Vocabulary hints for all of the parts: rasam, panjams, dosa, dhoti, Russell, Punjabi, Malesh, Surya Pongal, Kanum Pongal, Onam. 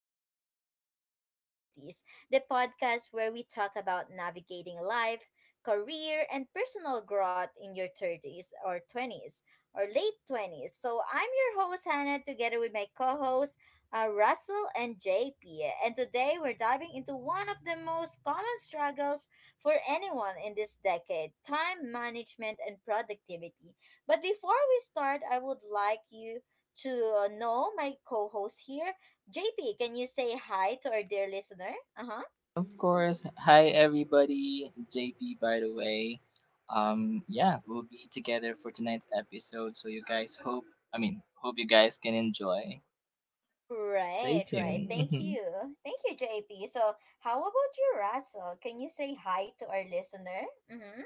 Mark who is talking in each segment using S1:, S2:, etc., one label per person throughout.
S1: in Your 20s or 30s, the podcast where we talk about navigating life, career, and personal growth in your 30s or 20s or late 20s. So, I'm your host, Hannah, together with my co hosts, Russell and JP. And today we're diving into one of the most common struggles for anyone in this decade time management and productivity. But before we start, I would like you to know my co host here. JP, can you say hi to our dear listener? Uh huh.
S2: Of course. Hi, everybody. JP, by the way. Yeah, we'll be together for tonight's episode. So, you guys hope you guys can enjoy. Stay
S1: Right, right. Thank
S2: tuned.
S1: you. Thank you, JP. So, how about you, Russell? Can you say hi to our listener? Mm hmm.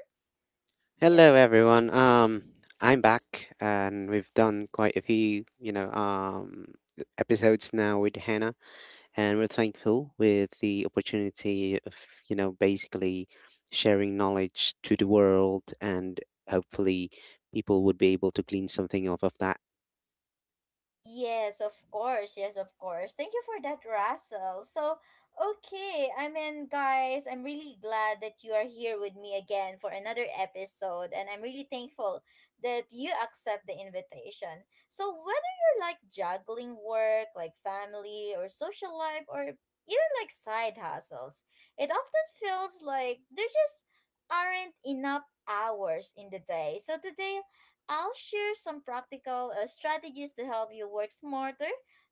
S1: Yes,
S3: Hello, everyone. I'm back, and we've done quite a few, episodes now with Hannah, and we're thankful with the opportunity of, basically sharing knowledge to the world, and hopefully, people would be able to glean something off of that,
S1: yes, of course. Yes, of course. Thank you for that, Russell. So, okay. I mean, guys, I'm really glad that you are here with me again for another episode. And I'm really thankful that you accept the invitation. So, whether you're like juggling work, like family, or social life, or even like side hustles, it often feels like there just aren't enough hours in the day. So, today I'll share some practical strategies to help you work smarter,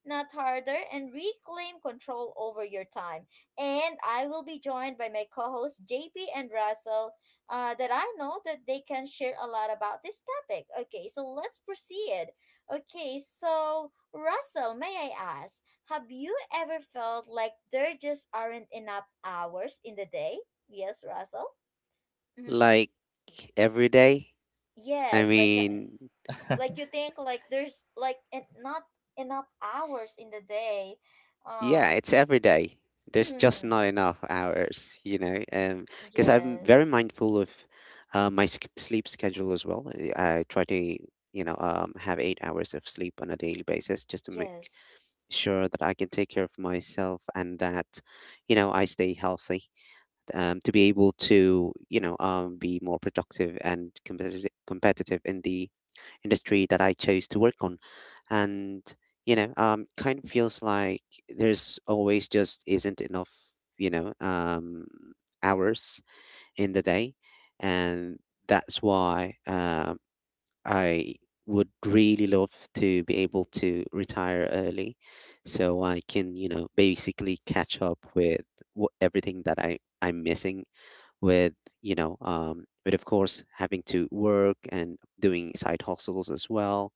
S1: not harder, and reclaim control over your time. And I will be joined by my co hosts, JP and Russell, that I know that they can share a lot about this topic. Okay, so let's proceed. Okay, so Russell, may I ask, have you ever felt like there just aren't enough hours in the day? Yes, Russell? Mm-hmm.
S3: like every day. I
S1: Yes, like
S3: mean,
S1: like you think like there's like not enough hours in the day
S3: Yeah,
S1: uh
S3: it's every day. There's just
S1: mm,
S3: not enough hours, because I'm
S1: yes,
S3: very mindful of my sch sleep schedule as well. I try to, have 8 hours of sleep on a daily basis just to make
S1: yes,
S3: sure that I can take care of myself and that, I stay healthy, to be able to, be more productive and competitive in the industry that I chose to work on. And, Kind of feels like there's always just isn't enough, you know, um, hours in the day. And that's why I would really love to be able to retire early so I can, basically catch up with everything that I'm missing with with of course having to work and doing side hustles as well,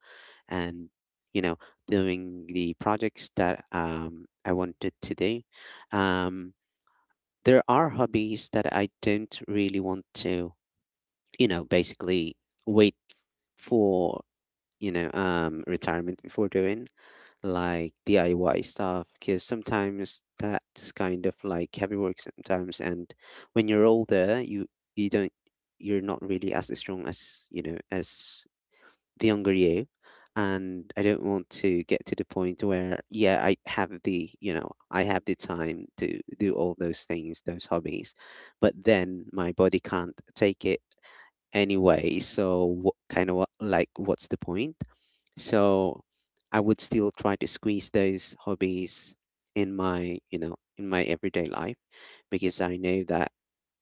S3: and you know, doing the projects that I wanted to do. um, there are hobbies that I don't really want to, basically wait for, retirement before doing, like DIY stuff, because sometimes that's kind of like heavy work sometimes. And when you're older, you don't, you're not really as strong as, you know, as the younger you. And I don't want to get to the point where, yeah, I have the, you know, I have the time to do all those things, those hobbies, but then my body can't take it anyway. So what kind of what like what's the point? So I would still try to squeeze those hobbies in my, in my everyday life, because I know that,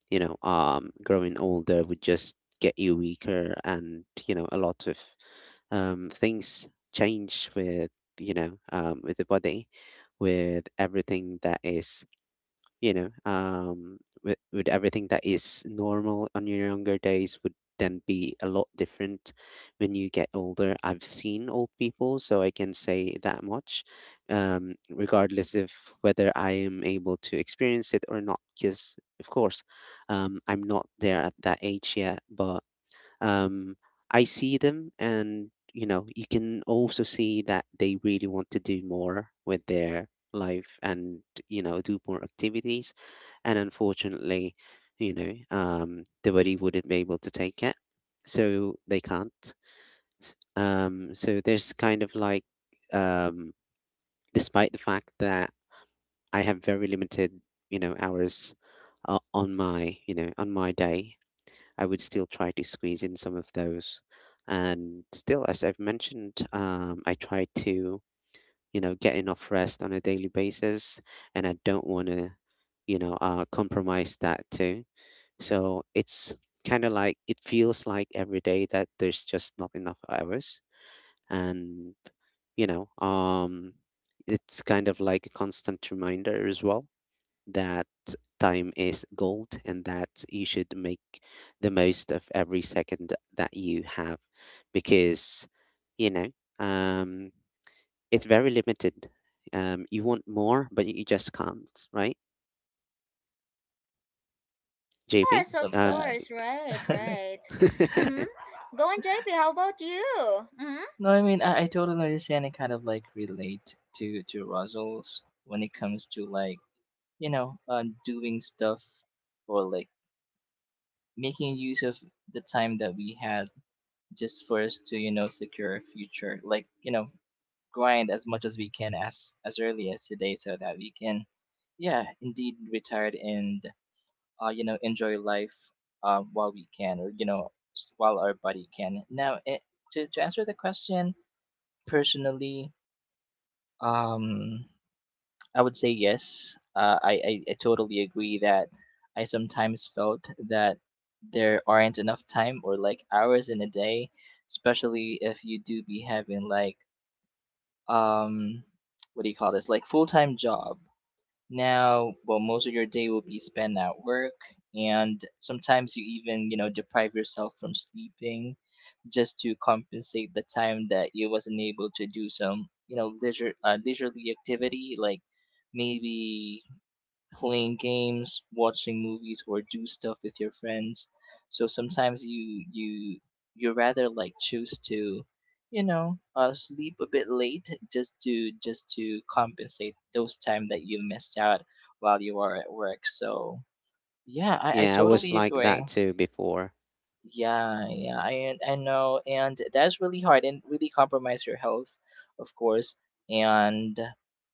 S3: growing older would just get you weaker. And, you know, a lot of things change with, with the body, with everything that is, with everything that is normal on your younger days would then be a lot different when you get older. I've seen old people, so I can say that much, regardless of whether I am able to experience it or not, because, of course, I'm not there at that age yet. But um, I see them, and you know, you can also see that they really want to do more with their life, and you know, do more activities. And unfortunately, the body wouldn't be able to take it, so they can't. So there's kind of like, um, despite the fact that I have very limited, hours on my, on my day, I would still try to squeeze in some of those. And still, as I've mentioned, I try to, get enough rest on a daily basis, and I don't want to, compromise that too. So it's kind of like it feels like every day that there's just not enough hours, and you know, um, it's kind of like a constant reminder as well that time is gold and that you should make the most of every second that you have, because you know um it's very limited. You want more but you just can't, right? JP?
S1: yes, of
S2: Love
S3: um
S2: that.
S1: course, right,
S3: mhm.
S1: right, mm-hmm. Go on, JP, how about you? Mm-hmm.
S2: No, I totally understand and kind of like relate to Russell's when it comes to like, you know, doing stuff or like making use of the time that we had just for us to, you know, secure a future. Like, you know, grind as much as we can as early as today so that we can yeah indeed retire and you know enjoy life while we can or you know while our body can now it, to answer the question personally, um I would say yes. I totally agree that I sometimes felt that there aren't enough time or like hours in a day, especially if you do be having like um what do you call this, like full-time job. Now, well, most of your day will be spent at work, and sometimes you even, you know, deprive yourself from sleeping just to compensate the time that you wasn't able to do some, you know, leisurely activity like maybe playing games, watching movies, or do stuff with your friends. So sometimes you rather like choose to, you know, sleep a bit late just to compensate those time that you missed out while you are at work. So yeah, I
S3: Yeah, I was
S2: totally
S3: like
S2: agree.
S3: that too before.
S2: Yeah, yeah, I know, and that's really hard and really compromise your health, of course, and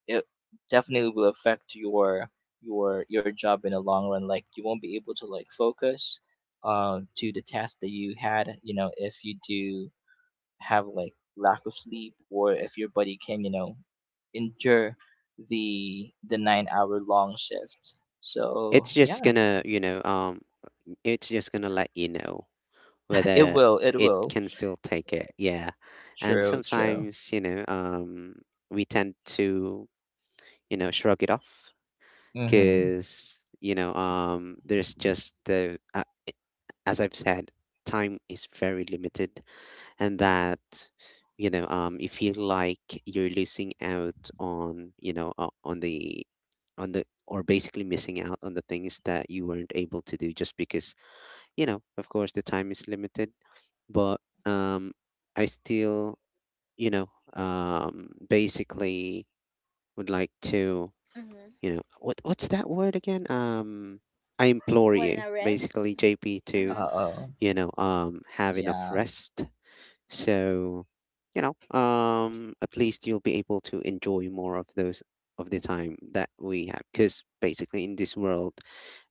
S2: it definitely will affect your job in the long run. Like you won't be able to like focus to the task that you had, you know, if you do have like lack of sleep or if your body can, you know, endure the 9 hour long shifts.
S3: It's
S2: So
S3: just
S2: yeah,
S3: gonna, it's just gonna let you know
S2: it
S3: whether
S2: will, it
S3: it
S2: will.
S3: can still take it. Yeah. And
S2: True, true.
S3: sometimes, we tend to, shrug it off
S2: hmm
S3: because, there's just as I've said, time is very limited. And that, you feel like you're losing out on, on or basically missing out on the things that you weren't able to do just because, you know, of course, the time is limited. But um, I still, basically would like to,
S1: Mm-hmm.
S3: what what's that word again? I implore
S1: What
S3: you,
S1: a read,
S3: basically, JP, to
S2: Uh
S1: mm-hmm.
S2: oh,
S3: have enough
S2: Yeah.
S3: rest so, at least you'll be able to enjoy more of those of the time that we have. Because basically, in this world,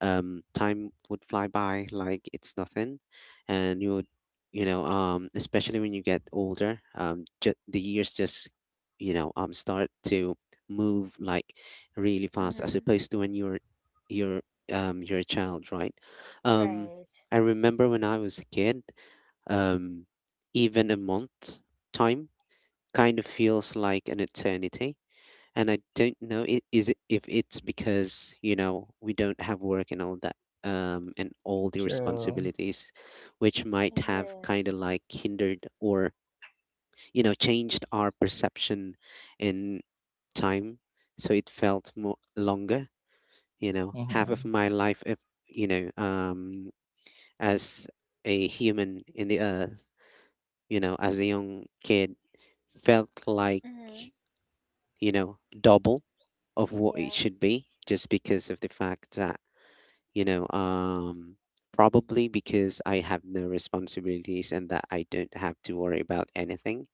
S3: time would fly by like it's nothing, and you would, especially when you get older, the years just, start to move like really fast as
S1: Mm-hmm.
S3: opposed to when you're you're a child, right? Um,
S1: Right,
S3: I remember when I was a kid, um, even a month time kind of feels like an eternity. And I don't know if it's because, you know, we don't have work and all that, and all the
S2: True.
S3: responsibilities, which might have kind of
S1: yes,
S3: like hindered or, you know, changed our perception in time. So it felt more longer, you know. Half of
S2: hmm
S3: my life, if, you know, as a human in the earth, you know, as a young kid, felt like,
S1: mm-hmm.
S3: double of what it
S1: Yeah.
S3: should be just because of the fact that, you know, um, probably because I have no responsibilities and that I don't have to worry about anything,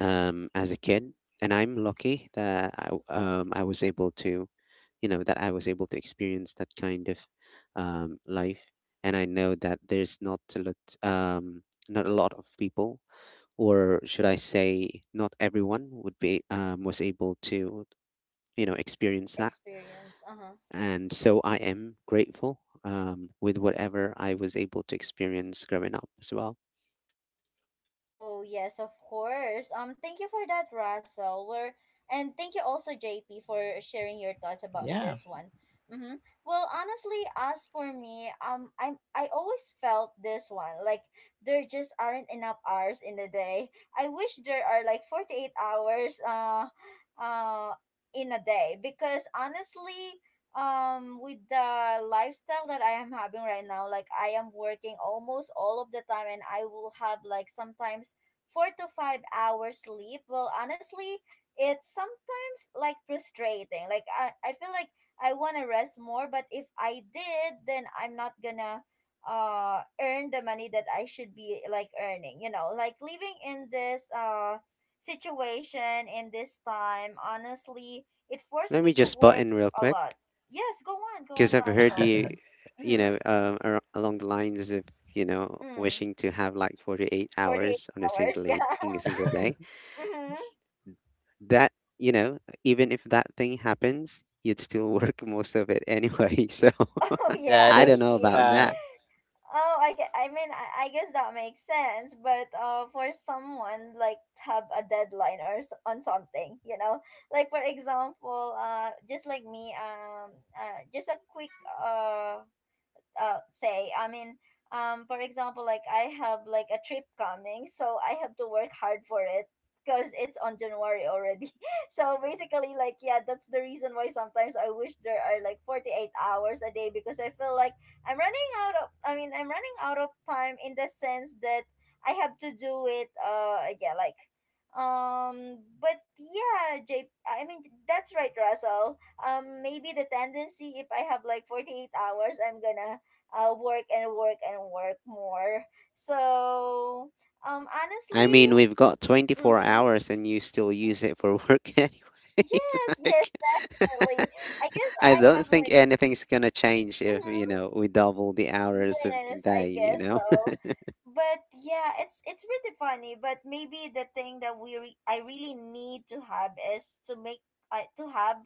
S3: as a kid. And I'm lucky that I was able to, you know, that I was able to experience that kind of life. And I know that there's not a lot, um, not a lot of people, or should I say, not everyone would be was able to, experience that.
S1: Experience. Uh-huh.
S3: And so I am grateful with whatever I was able to experience growing up as well.
S1: Oh, yes, of course. Thank you for that, Russell. We're, and thank you also, JP, for sharing your thoughts about
S2: Yeah.
S1: this one. Mm-hmm. Well, honestly, as for me, I always felt this one like there just aren't enough hours in the day. I wish there are like 48 hours, uh, in a day because honestly, with the lifestyle that I am having right now, like I am working almost all of the time and I will have like sometimes 4 to 5 hours sleep. Well, honestly, it's sometimes like frustrating. Like I feel like I want to rest more, but if I did, then I'm not gonna earn the money that I should be like earning, like living in this situation in this time. Honestly, it forced
S3: Let
S1: me
S3: me
S1: to
S3: just butt
S1: work
S3: in real
S1: a
S3: quick
S1: lot. Yes, go on, go on,
S3: because I've heard
S1: Russell.
S3: you,
S1: Mm-hmm.
S3: along the lines of,
S1: Mm.
S3: wishing to have like 48
S1: 48
S3: hours on a
S1: hours, yeah.
S3: in a single day,
S1: Mm-hmm.
S3: that even if that thing happens you'd still work most of it anyway. So
S1: Oh, yeah,
S2: that
S3: I
S1: I
S3: don't
S2: is
S3: know
S1: see.
S3: about that.
S2: fact.
S1: Oh, I mean, I guess that makes sense, but for someone, like, have a deadline or on something, you know? Like, for example, just like me, just a quick, uh, say, I mean, for example, like I have like a trip coming, so I have to work hard for it because it's on January already. So basically, like, yeah, that's the reason why sometimes I wish there are like 48 hours a day because I feel like I mean I'm running out of time in the sense that I have to do it, yeah, like, but yeah, Jay, I mean, that's right, Russell. Um, maybe the tendency, if I have like 48 hours, I'm gonna work and work and work more. So,
S3: I
S1: honestly,
S3: mean, we've got 24
S1: mm-hmm.
S3: hours and you still
S1: y-
S3: use it for work anyway.
S1: yes, yes,
S3: Like,
S1: definitely. I guess
S3: I
S1: I
S3: don't
S1: have
S3: think
S1: like,
S3: anything's gonna change if, you
S1: mhm.
S3: know, we double the hours of the
S1: Yes, I
S3: day, you
S1: guess
S3: know?
S1: so. But yeah, it's really funny. But maybe the thing that we re I really need to have is to make I to have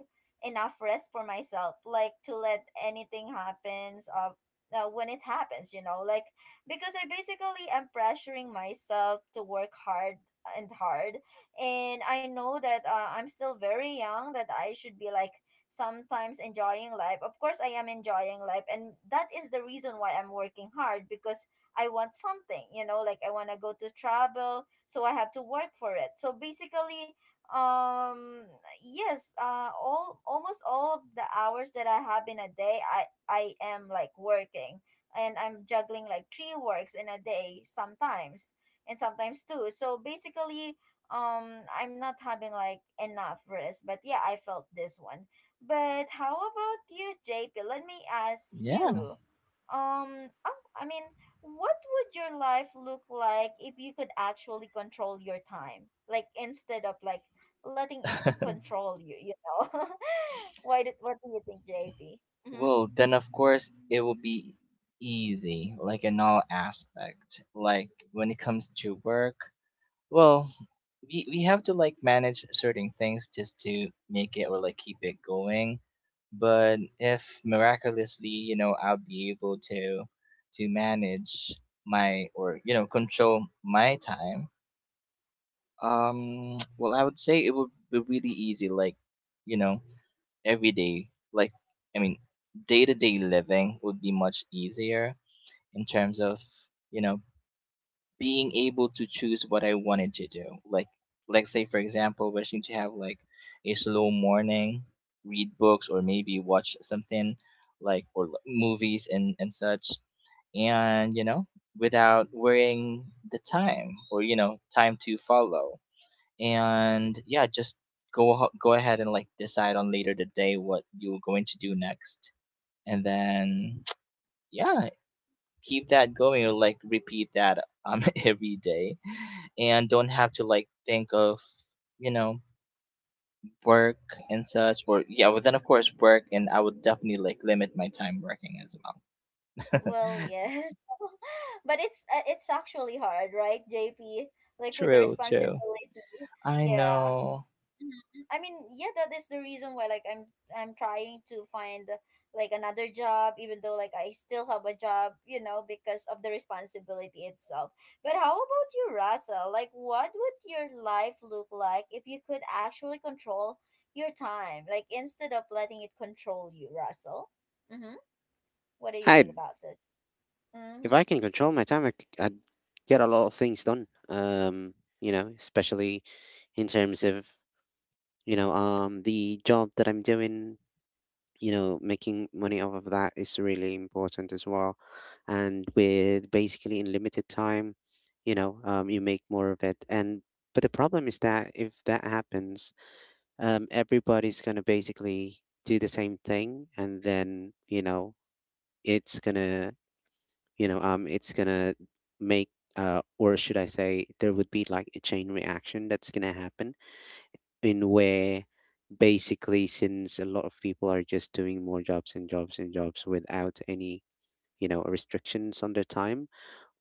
S1: enough rest for myself, like to let anything happens of when it happens, you know, like because I basically am pressuring myself to work hard and hard, and I know that I'm still very young, that I should be like sometimes enjoying life. Of course, I am enjoying life, and that is the reason why I'm working hard because I want something, like I want to go to travel, so I have to work for it. So basically, um yes, all almost all of the hours that I have in a day, I am like working, and I'm juggling like three works in a day sometimes, and sometimes two. So basically, I'm not having like enough rest, but yeah, I felt this one. But how about you, JP? Let me ask
S2: Yeah.
S1: you. Oh, I mean, what would your life look like if you could actually control your time? Like instead of like letting it control you, you know? What do you think, JP? Mm-hmm.
S2: Well, then of course it will be easy, like in all aspect. Like when it comes to work, well, we have to like manage certain things just to make it or like keep it going. But if miraculously, you know, I'll be able to manage my, or you know, control my time. Well, I would say it would be really easy, like, you know, every day. I mean, Day to day living would be much easier in terms of, you know, being able to choose what I wanted to do. Like, let's say, for example, wishing to have like a slow morning, read books, or maybe watch something like, or movies and such. And, you know, without worrying the time or, you know, time to follow. And yeah, just go ahead and like decide on later today what you're going to do next, and then yeah, keep that going or like repeat that every day, and don't have to like think of, you know, work and such. Or yeah, well then of course work, and I would definitely like limit my time working as well.
S1: Well, yes. But it's actually hard, right, JP? Like with the
S2: True,
S1: responsibility.
S2: true. I
S1: Yeah.
S2: know.
S1: I mean, yeah, that is the reason why like I'm trying to find like another job even though like I still have a job, because of the responsibility itself. But how about you, Russell? Like what would your life look like if you could actually control your time? Like instead of letting it control you, Russell? Mhm. What do you think
S3: I'd,
S1: about this?
S3: if
S1: Mhm.
S3: I can control my time, I would get a lot of things done. You know, especially in terms of, the job that I'm doing, you know, making money off of that is really important as well. And with basically in limited time, you make more of it. And but the problem is that if that happens, everybody's gonna basically do the same thing, and then you know, it's gonna, it's gonna make, or should I say, there would be like a chain reaction that's gonna happen, in where basically since a lot of people are just doing more jobs and jobs and jobs without any, you know, restrictions on their time,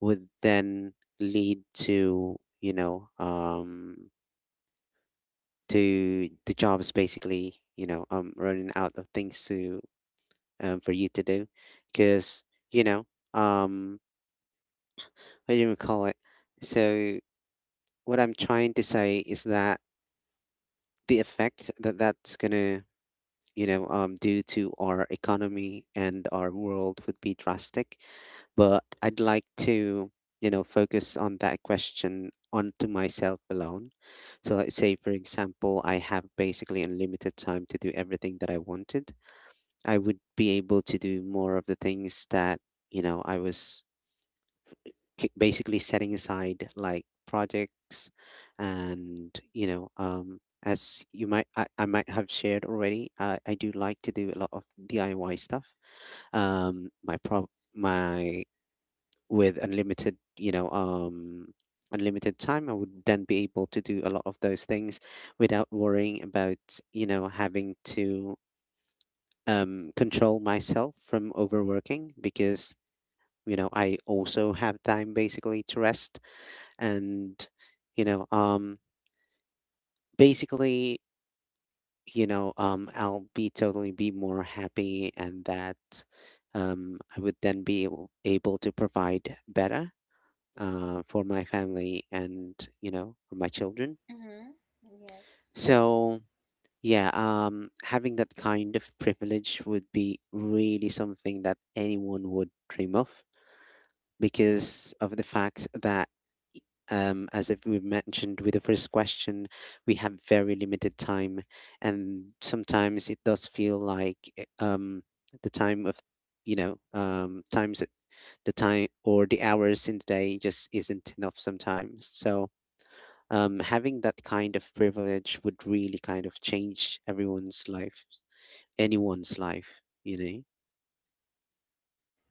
S3: would then lead to, to the jobs basically, running out of things to, for you to do, because you know um what do you call it. So what I'm trying to say is that the effect that that's gonna, due to our economy and our world would be drastic. But I'd like to, focus on that question onto myself alone. So let's say, for example, I have basically unlimited time to do everything that I wanted. I would be able to do more of the things that, I was basically setting aside, like projects. And as you might, I might have shared already, I do like to do a lot of DIY stuff. My pro my With unlimited, unlimited time, I would then be able to do a lot of those things without worrying about, you know, having to control myself from overworking, because you know I also have time basically to rest. And you know um basically, I'll be totally be more happy. And that I would then be able to provide better for my family and, you know, for my children.
S1: Mhm. Yes.
S3: So yeah, having that kind of privilege would be really something that anyone would dream of, because of the fact that, as if we mentioned with the first question, we have very limited time, and sometimes it does feel like the time of, you know, times the time or the hours in the day just isn't enough sometimes. So having that kind of privilege would really kind of change everyone's life, anyone's life, you know.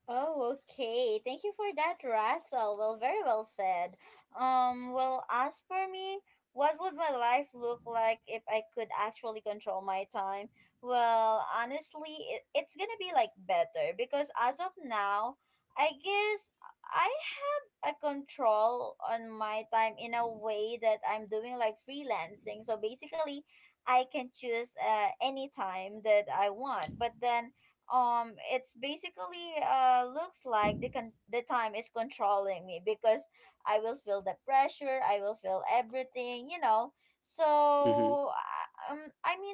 S1: Oh, okay. Thank you for that, Russell. Well, very well said. Well, as for me, what would my life look like if I could actually control my time? Well, honestly, it's gonna be like better because as of now, I guess I have a control on my time in a way that I'm doing like freelancing. So basically, I can choose any time that I want. But then it's basically looks like the time is controlling me because I will feel the pressure, I will feel everything.
S3: Mm-hmm.
S1: So, I mean,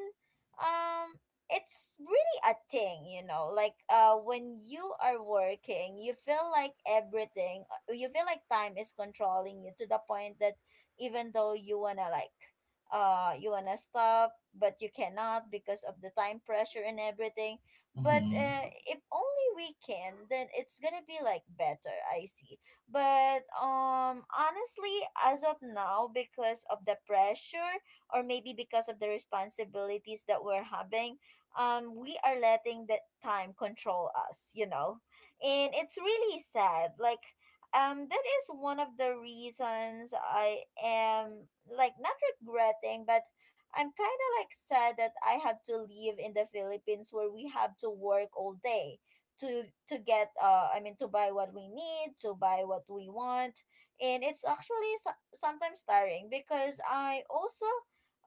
S1: um it's really a thing, like when you are working, you feel like everything, you feel like time is controlling you to the point that even though you wanna stop but you cannot because of the time pressure and everything, but
S2: hmm
S1: if only we can, then it's gonna be like better. I see. But honestly, as of now, because of the pressure, or maybe because of the responsibilities that we're having, we are letting the time control us. And it's really sad. Like that is one of the reasons I am like not regretting, but I'm kind of like sad that I have to live in the Philippines where we have to work all day to get I mean to buy what we need, to buy what we want. And it's actually sometimes tiring because I also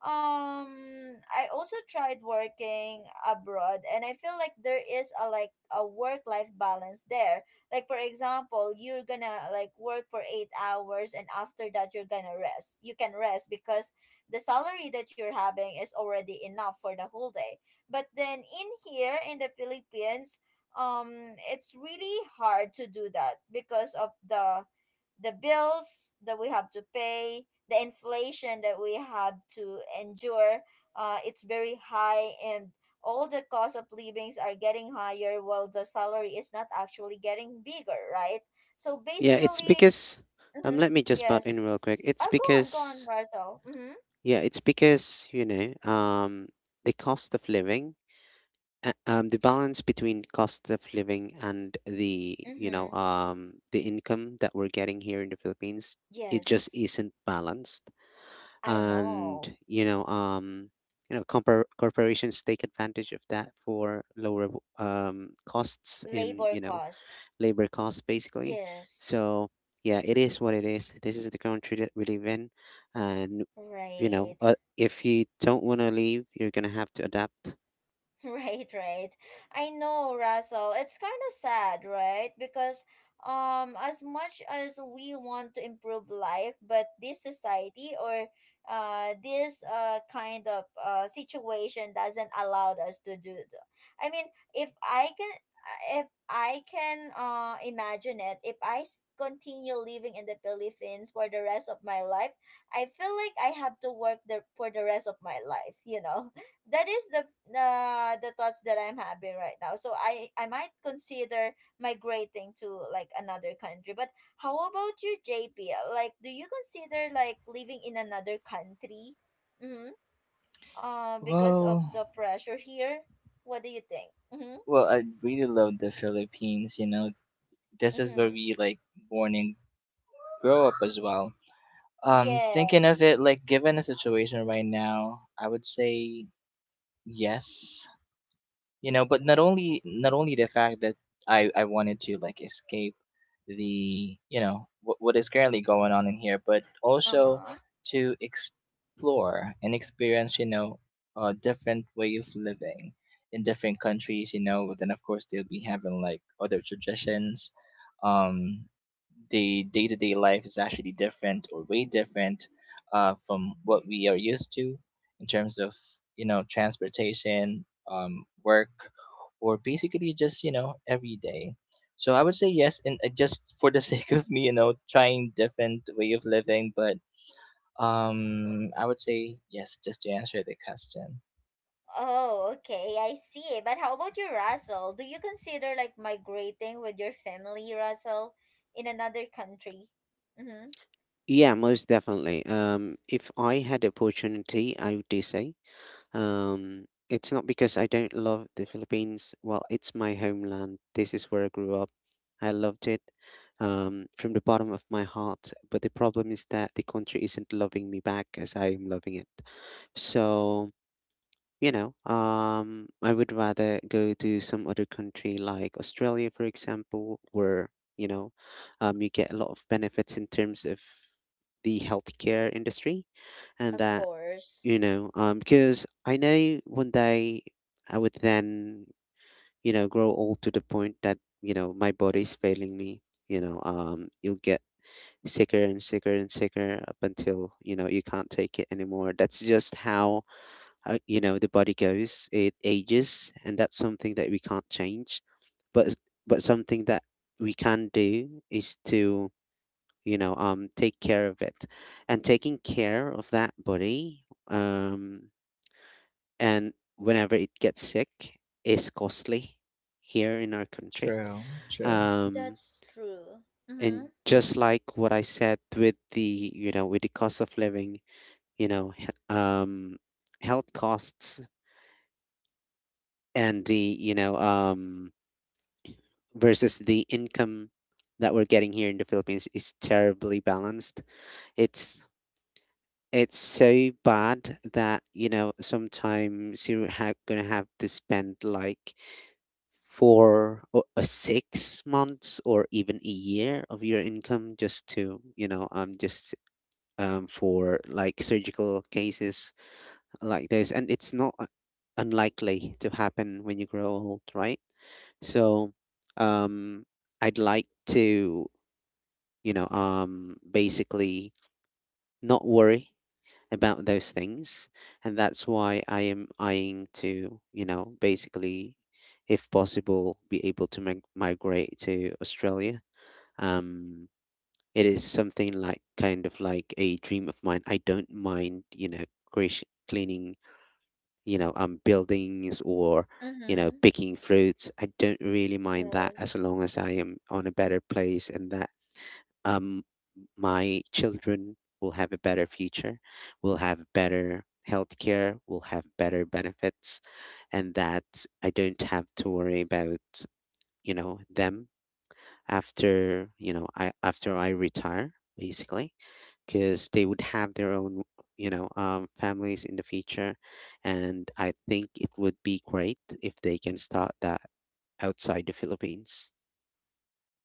S1: um I also tried working abroad and I feel like there is a like a work life balance there. Like, for example, you're gonna like work for 8 hours and after that you're gonna rest. You can rest because the salary that you're having is already enough for the whole day. But then in here in the Philippines, it's really hard to do that because of the bills that we have to pay, the inflation that we have to endure. It's very high, and all the cost of livings are getting higher while the salary is not actually getting bigger, right? So
S3: Yeah, it's
S1: basically,
S3: because
S1: mm-hmm,
S3: let me just butt
S1: yes.
S3: in real quick. It's
S1: Go on, go on,
S3: because,
S1: Marcel. Mm-hmm,
S3: yeah, it's because, the cost of living, the balance between cost of living and the, you know,
S1: mm-hmm.
S3: um, the income that we're getting here in the Philippines, it just
S1: Yes,
S3: isn't balanced.
S1: I
S3: And,
S1: know.
S3: compor corporations take advantage of that for lower costs in,
S1: Labor cost.
S3: labor costs basically.
S1: Yes,
S3: So, yeah, it is what it is. This is the country that we live in, and
S1: right.
S3: if you don't want to leave, you're going to have to adapt.
S1: Right, right. I know, Russell. It's kind of sad, right? Because as much as we want to improve life, but this society or this kind of situation doesn't allow us to do it. I mean, if I can if I can imagine it, if I continue living in the Philippines for the rest of my life, I feel like I have to work the for the rest of my life, that is the the thoughts that I'm having right now. So I might consider migrating to like another country. But how about you, JP? Like, do you consider like living in another country? Mm-hmm. Because of
S2: well,
S1: the pressure here. What do you think? Mm-hmm.
S2: I really love the Philippines, you know. This is where
S1: Mm-hmm.
S2: we, like, born and grow up as well.
S1: Yeah.
S2: Thinking of it, like given a situation right now, I would say yes, you know, but not only the fact that I wanted to like escape the, you know, what is currently going on in here, but also
S1: Uh-huh.
S2: to explore and experience, you know, a different way of living in different countries, you know. But then of course they'll be having like other traditions, um, the day-to-day life is actually different or way different, from what we are used to in terms of, you know, transportation, work, or basically just, you know, every day. So I would say yes, and just for the sake of me, you know, trying different way of living. But I would say yes, just to answer the question.
S1: Oh, okay. I see. But how about you, Russell? Do you consider like migrating with your family, Russell, in another country? Mm-hmm.
S3: Yeah, most definitely. If I had the opportunity, I would do so. It's not because I don't love the Philippines. Well, it's my homeland. This is where I grew up. I loved it from the bottom of my heart. But the problem is that the country isn't loving me back as I am loving it. So, I would rather go to some other country like Australia, for example, where, you know, you get a lot of benefits in terms of the healthcare industry. And
S1: Of
S3: that,
S1: course.
S3: because I know one day I would then, grow old to the point that, my body's failing me. You'll get sicker and sicker and sicker up until, you can't take it anymore. That's just how, you know, the body goes. It ages, and that's something that we can't change. but but something that we can do is to take care of it. And taking care of that body, and whenever it gets sick, is costly here in our country.
S2: True, true.
S3: um
S1: That's true.
S3: and
S1: Mm-hmm.
S3: just like what I said, with the, with the cost of living, you know he- um health costs and the, versus the income that we're getting here in the Philippines, is terribly balanced. It's it's so bad that, sometimes you're gonna have to spend like four or 6 months or even a year of your income, just to, just for like surgical cases like this, and it's not unlikely to happen when you grow old, right? So, um, I'd like to, basically not worry about those things. And that's why I am eyeing to, basically, if possible, be able to migrate to Australia. Um, it is something like kind of like a dream of mine. I don't mind, creation, cleaning, buildings or,
S1: Mm-hmm.
S3: picking fruits. I don't really mind that, as
S1: Yes.
S3: long as I am on a better place, and that, um, my children will have a better future, will have better healthcare, will have better benefits, and that I don't have to worry about, them, after, you know, I after I retire, basically, because they would have their own, families in the future, and I think it would be great if they can start that outside the Philippines.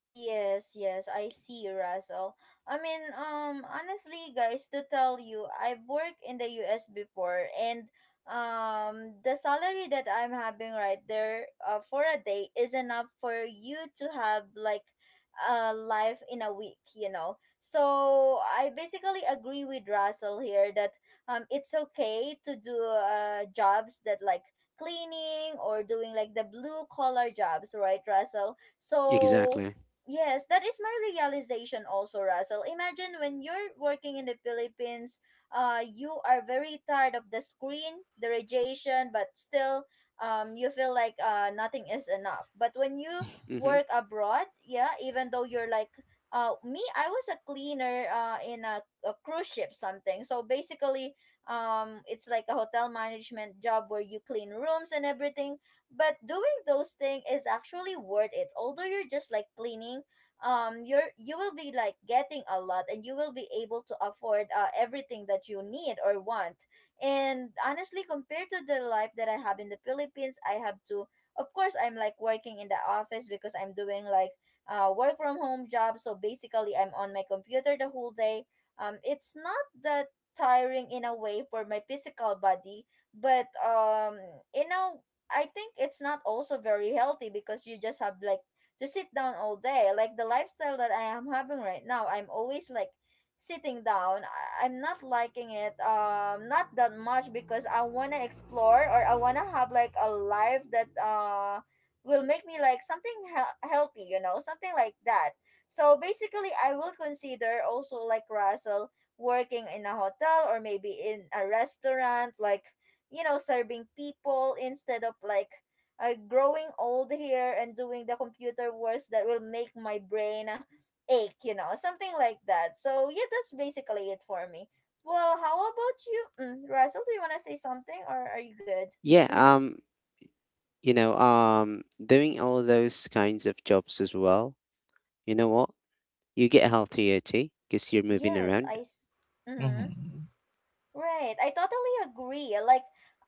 S1: Yes, yes, I see, Russell. I mean, honestly, guys, to tell you, I've worked in the US before, and the salary that I'm having right there for a day is enough for you to have like a life in a week. So I basically agree with Russell here that it's okay to do jobs that like cleaning or doing like the blue collar jobs, right, Russell? So.
S3: Exactly.
S1: Yes, that is my realization also, Russell. Imagine when you're working in the Philippines, you are very tired of the screen, the radiation, but still, you feel like nothing is enough. But when you
S3: Mm-hmm.
S1: work abroad, yeah, even though you're like, me, I was a cleaner in a cruise ship something. So basically, it's like a hotel management job where you clean rooms and everything, but doing those things is actually worth it, although you're just like cleaning. You will be like getting a lot, and you will be able to afford everything that you need or want. And honestly, compared to the life that I have in the Philippines, I have to, of course, I'm like working in the office because I'm doing like work from home job. So basically, I'm on my computer the whole day. It's not that tiring in a way for my physical body, but you know I think it's not also very healthy because you just have like to sit down all day. Like the lifestyle that I am having right now, I'm always like sitting down. I'm not liking it, not that much, because I want to explore or I want to have like a life that will make me like something healthy, you know, something like that. So basically, I will consider also, like Russell, working in a hotel or maybe in a restaurant, like you know, serving people, instead of like growing old here and doing the computer works that will make my brain ache, you know, something like that. So yeah, that's basically it for me. Well, how about you, Russell? Do you want to say something or are you good?
S3: Yeah.
S1: Mm-hmm.
S3: You know, doing all those kinds of jobs as well, you know what? You get healthier too because you're moving
S1: yes i
S3: around.
S1: s- Mhm.
S2: Mhm.
S1: Right, I totally agree. Like,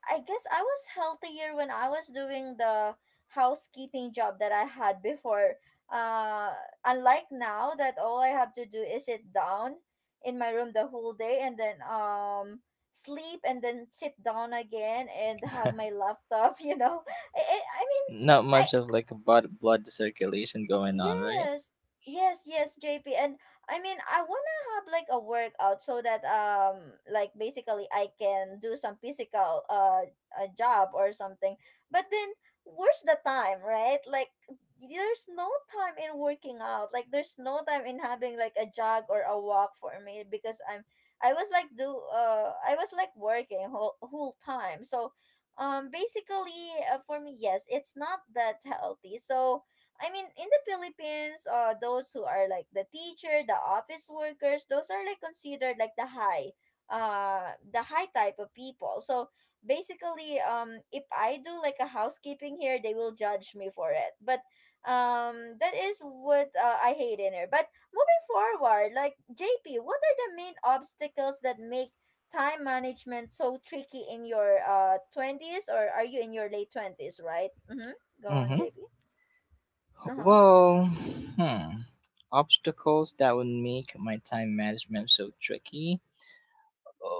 S1: I guess I was healthier when I was doing the housekeeping job that I had before. Uh, unlike now that all I have to do is sit down in my room the whole day and then sleep and then sit down again and have my laptop, you know. I mean,
S2: Not
S1: I,
S2: much of like blood circulation going on, right?
S1: yes, yes, JP. And I mean, I wanna have like a workout so that, like basically I can do some physical a job or something. But then where's the time, right? Like there's no time in working out. Like there's no time in having like a jog or a walk for me because I was like do I was like working whole time. So basically, for me, yes, it's not that healthy. So I mean, in the Philippines, those who are like the teacher, the office workers, those are like considered like the high type of people. So basically, if I do like a housekeeping here, they will judge me for it. But that is what I hate in here. But moving forward, like JP, what are the main obstacles that make time management so tricky in your twenties, or are you in your late 20s? Right. Mm-hmm. Go on,
S2: Mm-hmm.
S1: JP. Uh huh.
S2: Well, hmm. Obstacles that would make my time management so tricky.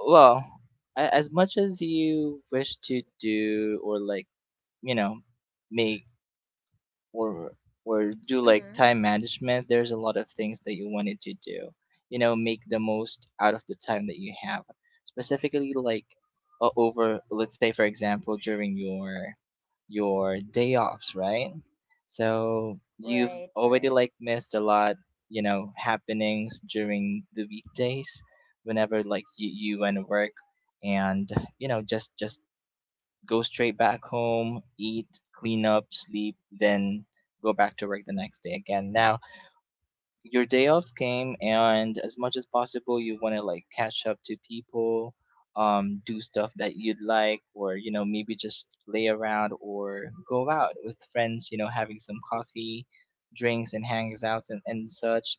S2: Well, as much as you wish to do or like, you know, make or do like
S1: Mm-hmm.
S2: time management, there's a lot of things that you wanted to do. You know, make the most out of the time that you have. Specifically, like over, let's say for example, during your day offs, right? So you've
S1: Right,
S2: already
S1: right.
S2: like missed a lot, you know, happenings during the weekdays, whenever like you went to work, and you know, just go straight back home, eat, clean up, sleep, then go back to work the next day again. Now, your day offs came, and as much as possible, you want to like catch up to people, do stuff that you'd like, or you know, maybe just lay around or go out with friends, you know, having some coffee, drinks, and hangouts and such.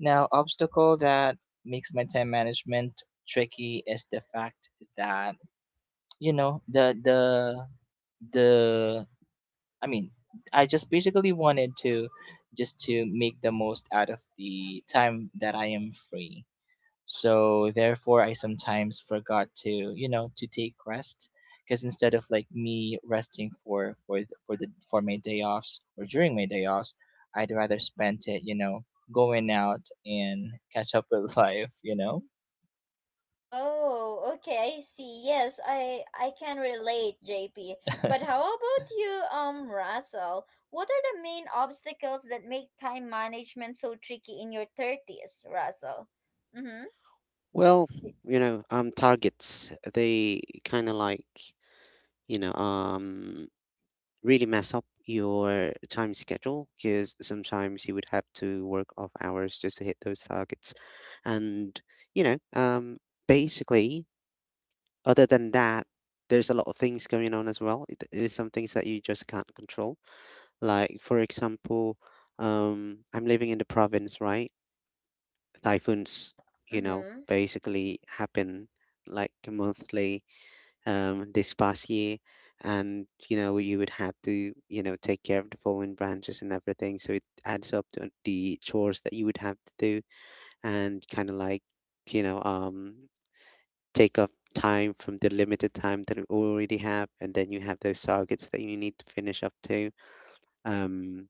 S2: Now, obstacle that makes my time management tricky is the fact that, you know, the I mean I just basically wanted to just to make the most out of the time that I am free. So therefore I sometimes forgot to, you know, to take rest, because instead of like me resting for th- for the for my day offs or during my day offs, I'd rather spend it, you know, going out and catch up with life, you know.
S1: Oh, okay, I see. Yes, I can relate, JP. But how about you, Russell? What are the main obstacles that make time management so tricky in your 30s, Russell? Mm-hmm.
S3: Well, targets, they kind of like, you know, um, really mess up your time schedule because sometimes you would have to work off hours just to hit those targets. And, you know, um, basically, other than that, there's a lot of things going on as well. There's some things that you just can't control. Like, for example, I'm living in the province, right? Typhoons,
S1: Uh, mm-hmm.
S3: basically happen like monthly, this past year, and you know you would have to, take care of the fallen branches and everything. So it adds up to the chores that you would have to do, and kind of like, you know um, take up time from the limited time that you already have, and then you have those targets that you need to finish up to. Um,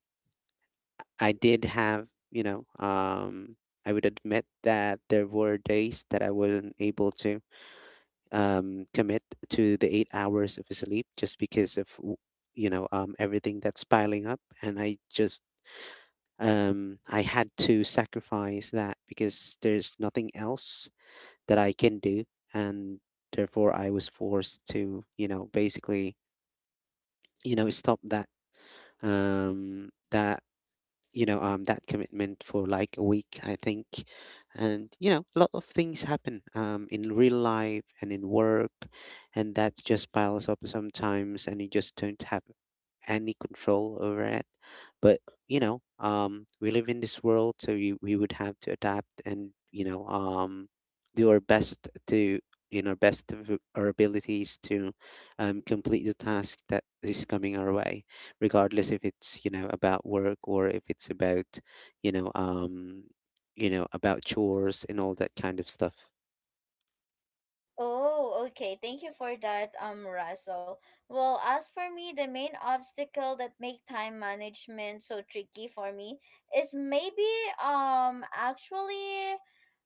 S3: I did have, I would admit that there were days that I wasn't able to, commit to the 8 hours of sleep, just because of everything that's piling up, and I had to sacrifice that because there's nothing else that I can do, and therefore I was forced to, basically, stop that, um, that that commitment for like a week, I think. And a lot of things happen, in real life and in work, and that just piles up sometimes, and you just don't have any control over it. But, we live in this world, so we would have to adapt, and do our best to, in our best of our abilities, to complete the task that is coming our way, regardless if it's, about work, or if it's about, you know um about chores and all that kind of stuff.
S1: Oh, okay. Thank you for that, Russell. Well, as for me, the main obstacle that make time management so tricky for me is maybe actually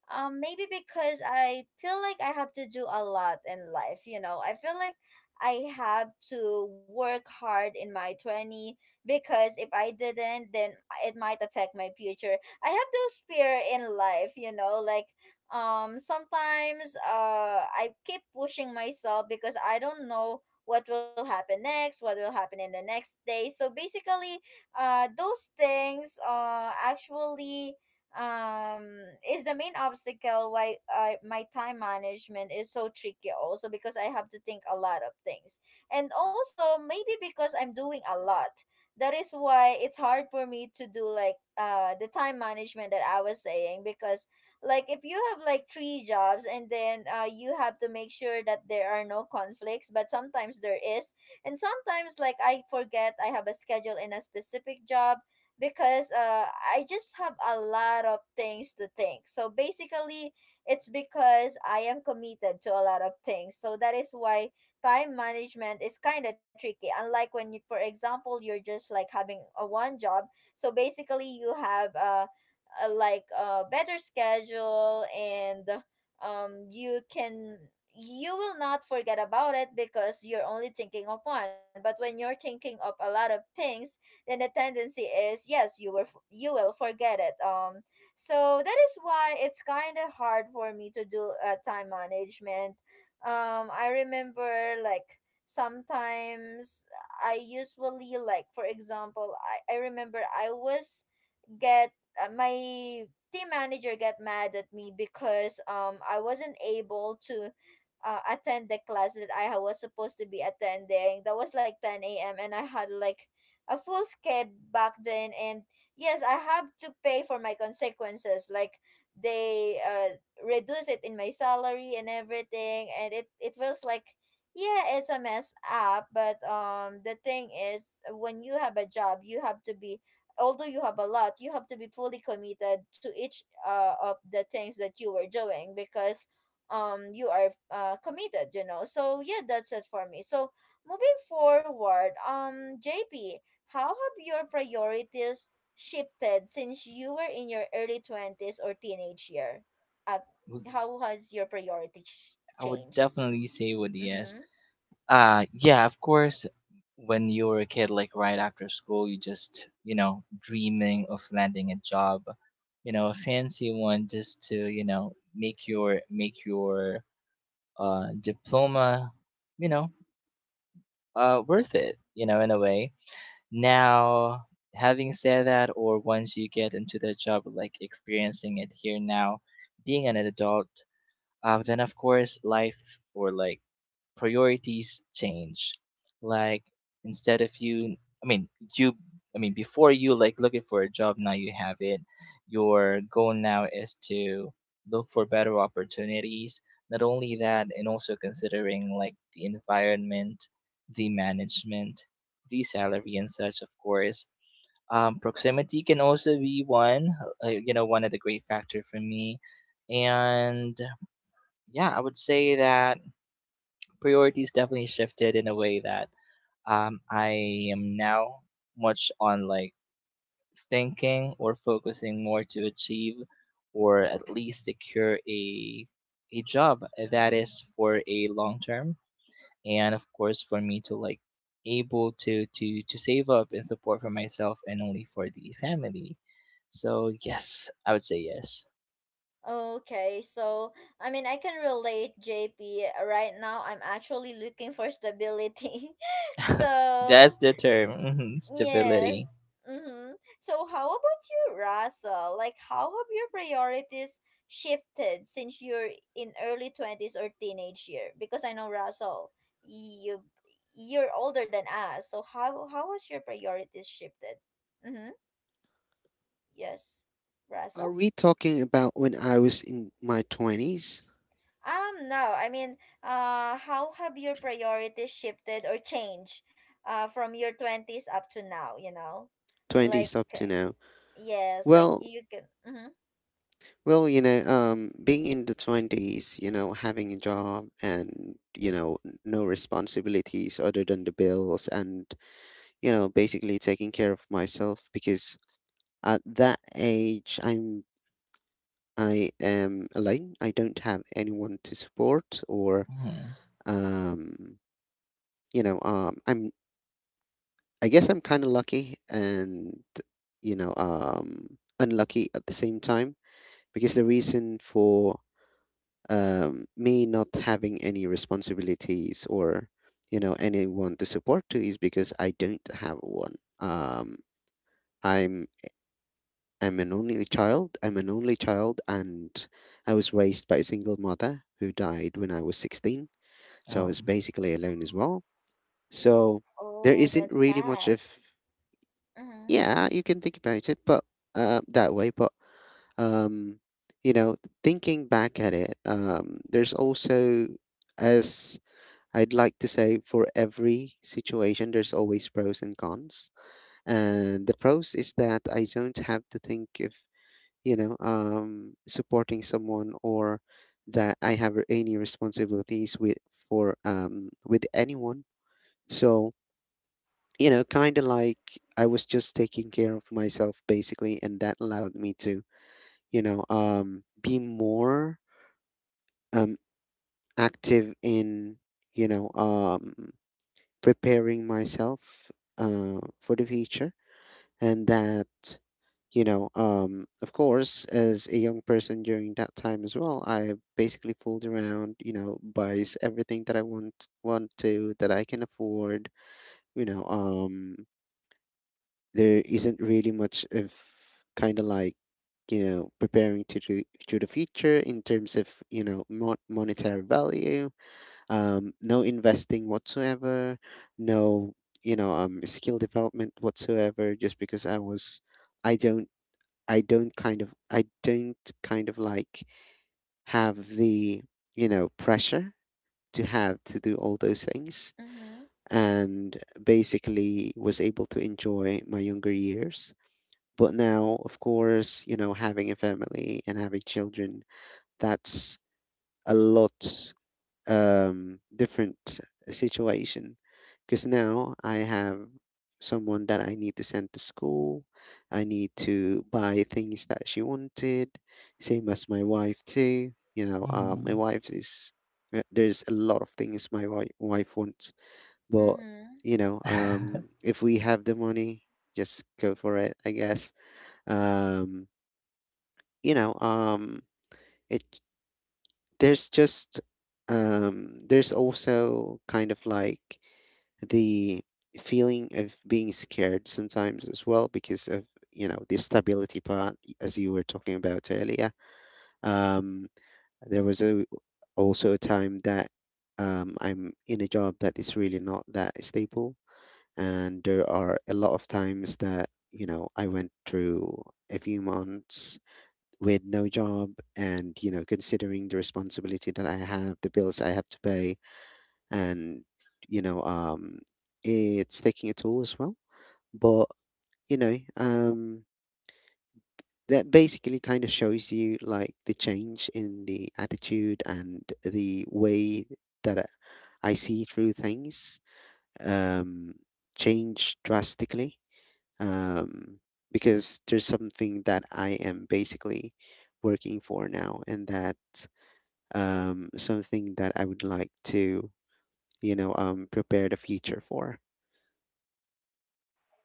S1: Maybe because I feel like I have to do a lot in life, you know. I feel like I have to work hard in my 20, because if I didn't, then it might affect my future. I have those fear in life, you know, like sometimes I keep pushing myself because I don't know what will happen next, what will happen in the next day. So basically, those things actually is the main obstacle why my time management is so tricky, also because I have to think a lot of things. And also maybe because I'm doing a lot, that is why it's hard for me to do like the time management that I was saying, because like if you have like three jobs and then you have to make sure that there are no conflicts, but sometimes there is. And sometimes like I forget I have a schedule in a specific job because I just have a lot of things to think. So basically, it's because I am committed to a lot of things. So that is why time management is kind of tricky. Unlike when you, for example, you're just like having a one job. So basically, you have a like a better schedule, and you can, you will not forget about it because you're only thinking of one. But when you're thinking of a lot of things, then the tendency is, yes, you will you will forget it. So that is why it's kind of hard for me to do time management. I remember like sometimes I usually, like for example, I remember I was get my team manager get mad at me because I wasn't able to attend the class that was supposed to be attending. That was like 10 a.m. and I had like a full skid back then. And yes, I have to pay for my consequences. Like they reduce it in my salary and everything. And it feels like, yeah, it's a mess up. But the thing is, when you have a job, you have to be, although you have a lot, you have to be fully committed to each of the things that you were doing, because you are committed, you know. So yeah, that's it for me. So moving forward, JP, how have your priorities shifted since you were in your early 20s or teenage year? Uh,
S2: would-
S1: how has your priority
S2: I would
S1: changed?
S2: definitely say with yes.
S1: Mhm.
S2: Yeah, of course when you were a kid like right after school you just, you know, dreaming of landing a job, you know, a fancy one just to, you know, make your diploma, you know, worth it, you know, in a way. Now, having said that, or once you get into the job like experiencing it here now, being an adult, then of course life or like priorities change. Like instead of I mean, you, I mean, before you like looking for a job, now you have it. Your goal now is to look for better opportunities. Not only that, and also considering like the environment, the management, the salary, and such. Of course, proximity can also be one. You know, one of the great factor for me, and yeah, I would say that priorities definitely shifted in a way that I am now much on like thinking or focusing more to achieve or at least secure a job that is for a long term, and of course for me to like able to save up and support for myself and only for the family. So yes, I would say yes.
S1: Okay, so I mean, I can relate, JP. Right now, I'm actually looking for stability. So,
S2: That's the term, mhm,
S1: yes.
S2: stability.
S1: Mm-hmm. So, how about you, Russell? Like, how have your priorities shifted since you're in early 20s or teenage year? Because I know, Russell, you, you're older than us. So, how has your priorities shifted? Mm-hmm. Yes,
S3: Are
S1: Russell.
S3: we talking about when I was in my 20s?
S1: No, I mean, how have your priorities shifted or changed from your 20s up to now, you know? Like,
S3: 20s up to now.
S1: yes, like
S3: Well,
S1: you can. Mm-hmm.
S3: being in the 20s, having a job and, no responsibilities other than the bills, and, basically taking care of myself, because at that age, I am alone. I don't have anyone to support, or,
S2: Hmm
S3: um, I'm. I guess I'm kind of lucky, and, unlucky at the same time, because the reason for, me not having any responsibilities, or, anyone to support to, is because I don't have one. I'm I'm an only child. I'm an only child, and I was raised by a single mother who died when I was 16. So I
S2: Oh.
S3: was basically alone as well. So there
S1: Oh,
S3: isn't
S1: that's
S3: really much
S1: sad.
S3: of,
S1: Mm-hmm.
S3: yeah, you can think about it, but, that way. But, um, you know, thinking back at it, there's also, as I'd like to say, for every situation, there's always pros and cons. And the pros is that I don't have to think of, supporting someone, or that I have any responsibilities with, for with anyone. So, kind of like, I was just taking care of myself basically, and that allowed me to, be more, um, active in, you know, um, preparing myself, for the future, and that, of course, as a young person during that time as well, I basically fooled around, buys everything that I want to, that I can afford, you know, um, there isn't really much of, kind of like, preparing to do to the future in terms of, monetary value, no investing whatsoever, no, skill development whatsoever, just because I was, I don't I don't kind of I don't kind of like have the, pressure to have to do all those things,
S1: Mm-hmm.
S3: and basically was able to enjoy my younger years. But now, of course, having a family and having children, that's a lot, different, situation. Because now I have someone that I need to send to school. I need to buy things that she wanted, same as my wife too. My
S2: Mhm.
S3: wife is, there's a lot of things my wife wants, but,
S1: Mm-hmm.
S3: if we have the money, just go for it, I guess. Um, you know, um, it there's just, there's also kind of like the feeling of being scared sometimes as well, because of, the stability part, as you were talking about earlier. Um, there was a also a time that, I'm in a job that is really not that stable, and there are a lot of times that, I went through a few months with no job, and, considering the responsibility that I have, the bills I have to pay, and, you know um it's taking a toll as well. But, you know um that basically kind of shows you, like, the change in the attitude and the way that I see through things, um change drastically, um because there's something that I am basically working for now, and that, something that I would like to, prepare the future for.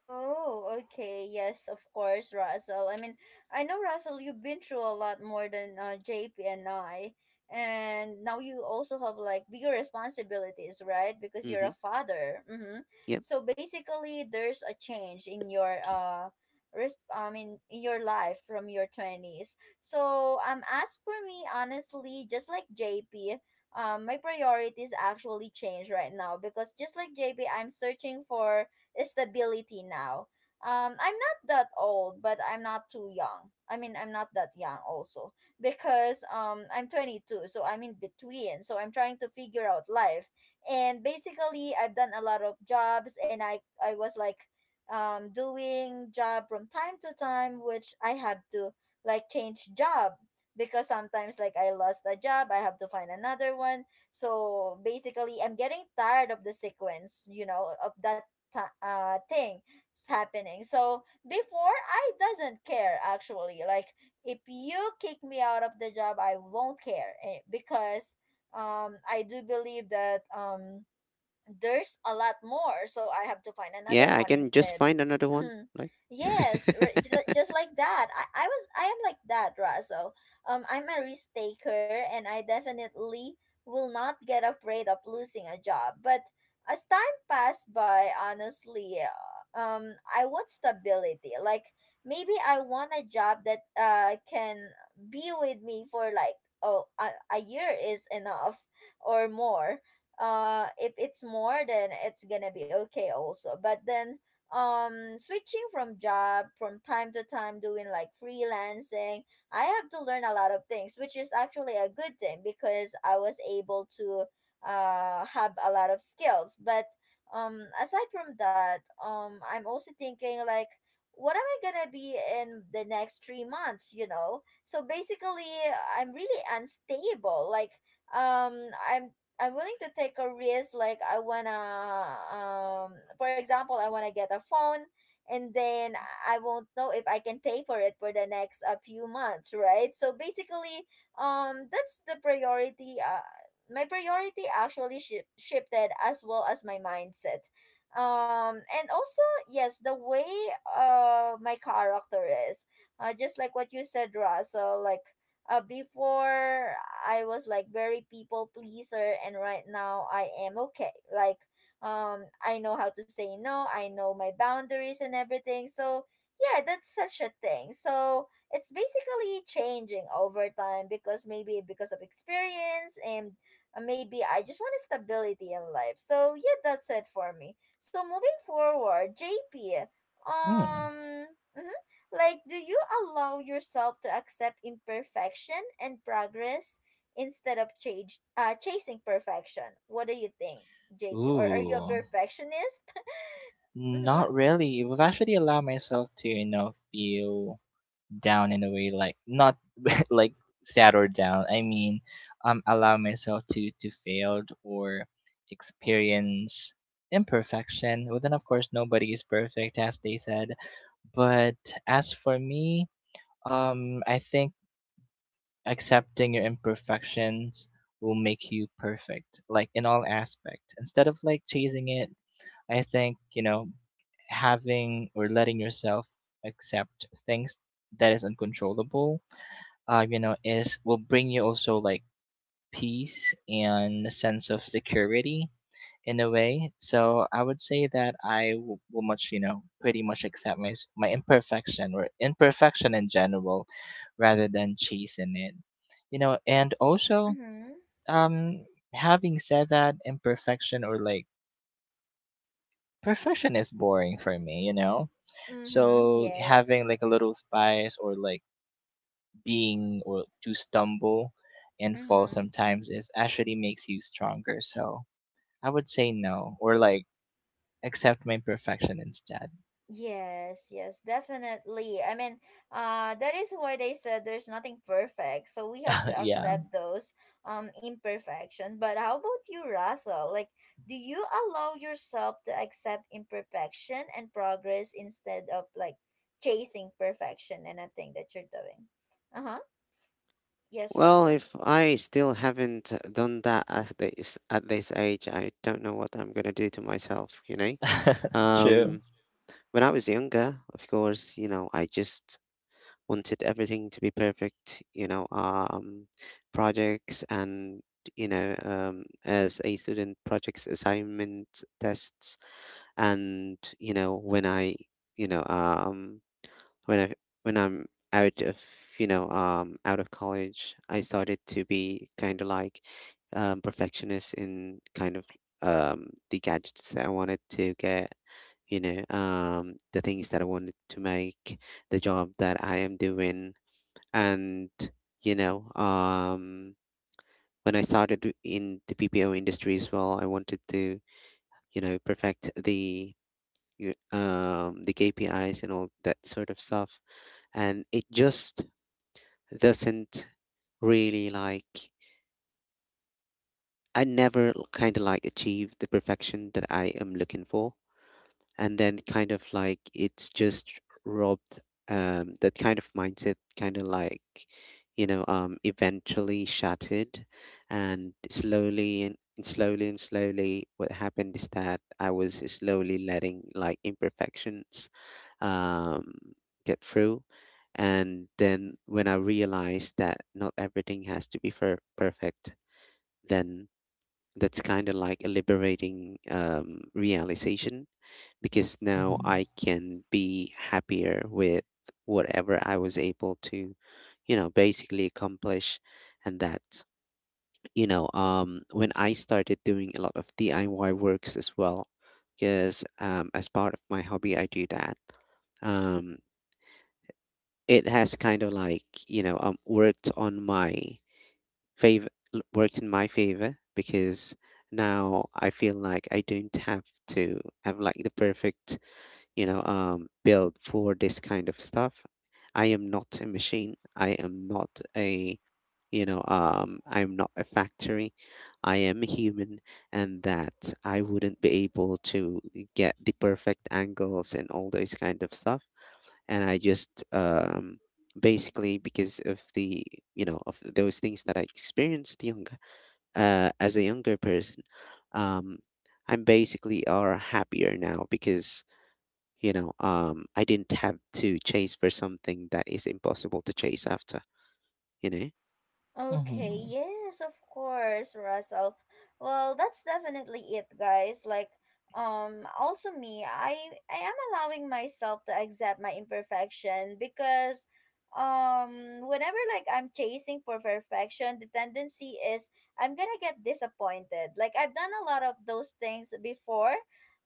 S1: Oh, okay. Yes, of course, Russell. I mean, I know, Russell, you've been through a lot more than, JP and I. And now you also have like bigger responsibilities, right? Because you're
S3: Mm-hmm.
S1: a father. Mm-hmm.
S3: Yep.
S1: So basically, there's a change in your I mean, in your life from your twenties. So as for me, honestly, just like JP, my priorities actually change right now because, just like JP, I'm searching for stability now. I'm not that old, but I'm not too young. I mean, I'm not that young also because I'm 22, so I'm in between. So I'm trying to figure out life, and basically, I've done a lot of jobs, and I was like, doing job from time to time, which I have to like change job because sometimes like I lost a job, I have to find another one. So basically, I'm getting tired of the sequence, you know, of that ti thing is happening. So before, I doesn't care actually. Like if you kick me out of the job, I won't care eh, because I do believe that there's a lot more, so I have to find another
S3: Yeah, I
S1: one
S3: can just
S1: instead.
S3: find another one. Like,
S1: Just like that. I am like that, Raso. I'm a risk taker, and I definitely will not get afraid of losing a job. But as time passed by, honestly, I want stability. Like maybe I want a job that can be with me for like oh a year is enough or more. If it's more, then it's gonna be okay also. But then switching from job from time to time, doing like freelancing, I have to learn a lot of things, which is actually a good thing because I was able to have a lot of skills. But aside from that, I'm also thinking like, what am I gonna be in the next 3 months, you know? So basically, I'm really unstable. Like um i'm I'm willing to take a risk. Like I wanna get a phone, and then I won't know if I can pay for it for the next a few months, right? So basically, that's the priority. My priority actually shifted as well as my mindset. And also, yes, the way my character is, just like what you said, Russell, like before I was like very people pleaser, and right now I am okay. Like, I know how to say no. I know my boundaries and everything. So yeah, that's such a thing. So it's basically changing over time because maybe because of experience and maybe I just want stability in life. So yeah, that's it for me. So moving forward, JP.
S2: Hmm.
S1: Um, mhm, like, do you allow yourself to accept imperfection and progress instead of chasing perfection? What do you think, JP? Or are you a
S2: Ooh.
S1: perfectionist? Mm-hmm.
S2: Not really. It would actually allow myself to, you know, feel down in a way, like not like sad or down. I mean, allow myself to failed or experience imperfection. Well, then of course nobody is perfect, as they said. But as for me, I think accepting your imperfections will make you perfect, like in all aspect. Instead of like chasing it, I think, you know, having or letting yourself accept things that is uncontrollable, you know, is will bring you also like peace and a sense of security in a way. So I would say that I will much, you know, pretty much accept my imperfection or imperfection in general, rather than chasing it, you know. And also,
S1: Mm-hmm.
S2: um, having said that, imperfection or like perfection is boring for me, you know.
S1: Mm-hmm.
S2: So
S1: Yes.
S2: having like a little spice or like being or to stumble and fall
S1: Mm-hmm.
S2: sometimes is actually makes you stronger. So I would say no, or like accept my imperfection instead.
S1: Yes, yes, definitely. I mean, that is why they said there's nothing perfect, so we have to
S2: Yeah.
S1: accept those imperfections. But how about you, Russell? Like, do you allow yourself to accept imperfection and progress instead of like chasing perfection and a thing that you're doing? Uh-huh. Yes,
S3: well,
S1: Russell.
S3: if I still haven't, done that at this age, I don't know what I'm gonna do to myself.
S2: True.
S3: Um, when I was younger, of course, I just wanted everything to be perfect, projects and as a student, projects, assignments, tests, and you know, when I, you know, when I when I'm out of out of college, I started to be kind of like perfectionist in kind of the gadgets that I wanted to get, the things that I wanted to make, the job that I am doing, and you know um when I started in the bpo industry as well, I wanted to perfect the the kpis and all that sort of stuff. And it just doesn't really like, I never kind of like achieve the perfection that I am looking for. And then kind of like it's just robbed, that kind of mindset kind of like eventually shattered. And slowly and slowly what happened is that I was slowly letting like imperfections um get through. And then when I realized that not everything has to be perfect, then that's kind of like a liberating realization, because now
S2: Mhm.
S3: I can be happier with whatever I was able to, basically accomplish. And that, when I started doing a lot of DIY works as well, because as part of my hobby, I do that. Um, it has kind of like, favor worked in my favor, because now I feel like I don't have to have like the perfect, build for this kind of stuff. I am not a machine. I am not a, I'm not a factory. I am a human, and that I wouldn't be able to get the perfect angles and all those kind of stuff. And I just, basically because of the of those things that I experienced younger as a younger person, um, I'm basically are happier now because I didn't have to chase for something that is impossible to chase after. You know,
S1: Okay,
S2: Mhm.
S1: yes, of course, Russell. Well, that's definitely it, guys. Like, also me, I am allowing myself to accept my imperfection because, whenever like I'm chasing for perfection, the tendency is I'm gonna get disappointed. Like I've done a lot of those things before.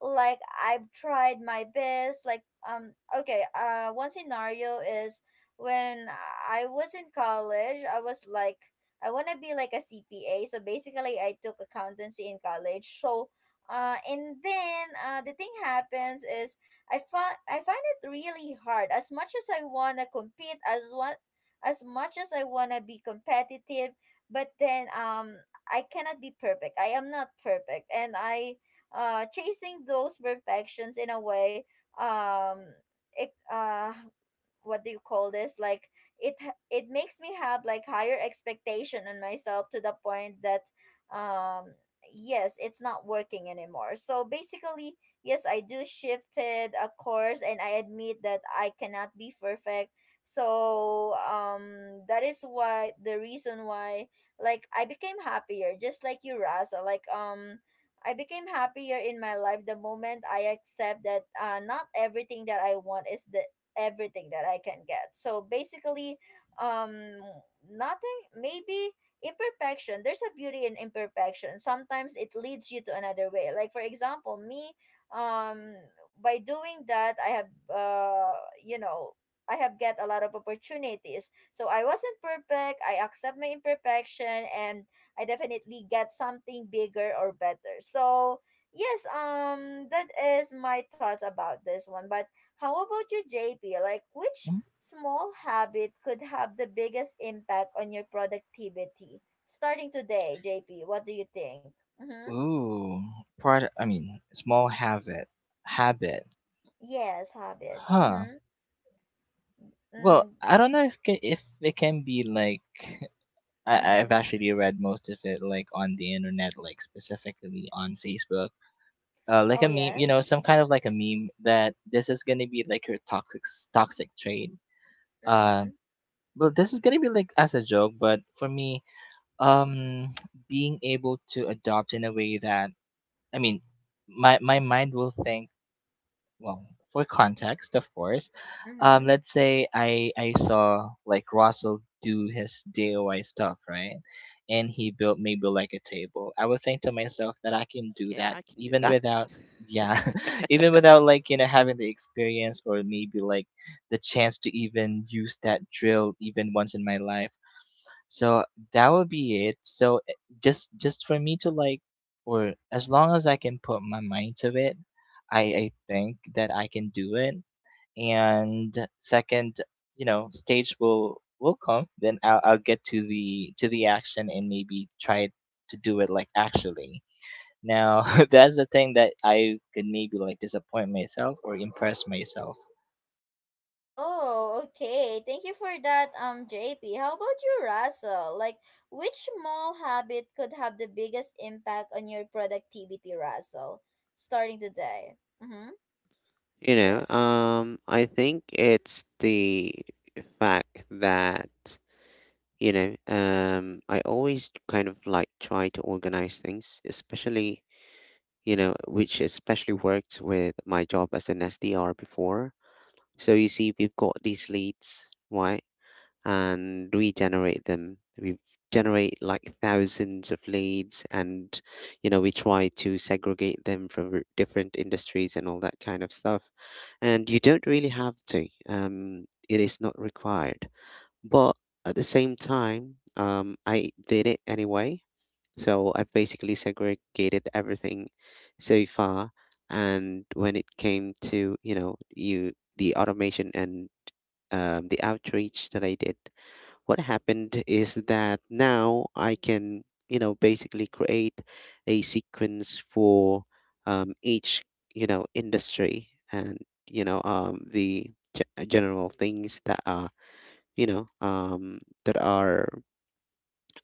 S1: Like I've tried my best. Like okay, one scenario is when I was in college, I was like, I want to be like a CPA. So basically, I took accountancy in college. So, and then the thing happens is I find it really hard. As much as I wanna be competitive, but then I cannot be perfect. I am not perfect, and I chasing those perfections in a way, um it what do you call this, like it makes me have like higher expectation on myself to the point that, um yes, it's not working anymore. So basically, yes, I do shifted a course and I admit that I cannot be perfect. So, that is why the reason why, like, I became happier just like you, Raza. Like, I became happier in my life the moment I accept that, not everything that I want is the everything that I can get. So basically, um, nothing, maybe imperfection. There's a beauty in imperfection. Sometimes it leads you to another way. Like, for example, me, um, by doing that, I have, uh, you know, I have get a lot of opportunities. So I wasn't perfect. I accept my imperfection and I definitely get something bigger or better. So, yes, that is my thoughts about this one. But how about you, JP? Like, which
S2: Mm.
S1: small habit could have the biggest impact on your productivity? Starting today, JP, what do you think? Mm-hmm.
S2: Ooh, small habit. Habit.
S1: Yes, habit.
S2: Huh.
S1: Mm-hmm.
S2: Well,
S1: Mm,
S2: I don't know if if it can be like I've
S1: mm-hmm.
S2: actually read most of it like on the internet, like specifically on Facebook. Like
S1: Oh,
S2: a meme, you know,
S1: yes.
S2: some kind of like a meme that this is gonna be like your toxic trait. Uh,
S1: Mm-hmm.
S2: well, this is gonna be like as a joke, but for me, um, being able to adopt in a way that, I mean, my my mind will think, well, for context of course,
S1: Mm-hmm.
S2: um, let's say I saw like Russell do his DIY stuff, right? And he built maybe like a table. I would think to myself that I can do
S3: yeah,
S2: that
S3: I can do
S2: even
S3: that.
S2: without, yeah, even without like, you know, having the experience or maybe like the chance to even use that drill even once in my life. So that would be it. So eh, just for me to like, or as long as I can put my mind to it, I think that I can do it. And second, you know, stage will come. Then I'll get to the action and maybe try to do it like actually. Now that's the thing that I could maybe like disappoint myself or impress myself.
S1: Oh, okay. Thank you for that, JP. How about you, Russell? Like, which small habit could have the biggest impact on your productivity, Russell? Starting today. Mm-hmm. Yes.
S3: I think it's the fact that I always kind of like try to organize things, especially you know which especially worked with my job as an SDR before. So you see, we've got these leads, right? And we generate them. We generate like thousands of leads, and we try to segregate them from different industries and all that kind of stuff. And you don't really have to. It is not required. But at the same time, I did it anyway, so I've basically segregated everything so far. And when it came to, you know, you the automation and the outreach that I did, what happened is that now I can, basically create a sequence for each, industry, and, the general things that are, that are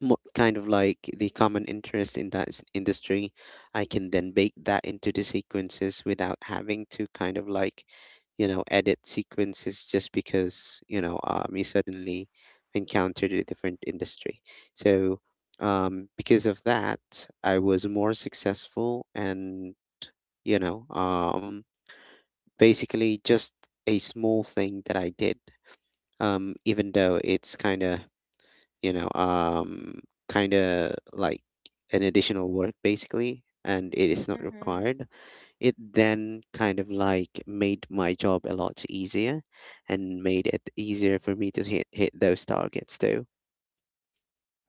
S3: mo kind of like the common interest in that industry, I can then bake that into the sequences without having to kind of like, edit sequences just because, you suddenly encountered a different industry. So, because of that, I was more successful and, you know, um, basically just a small thing that I did. Even though it's kind of you know, um, kind of like an additional work basically, and it is not
S1: Mm-hmm.
S3: required. It then kind of like made my job a lot easier and made it easier for me to hit those targets too.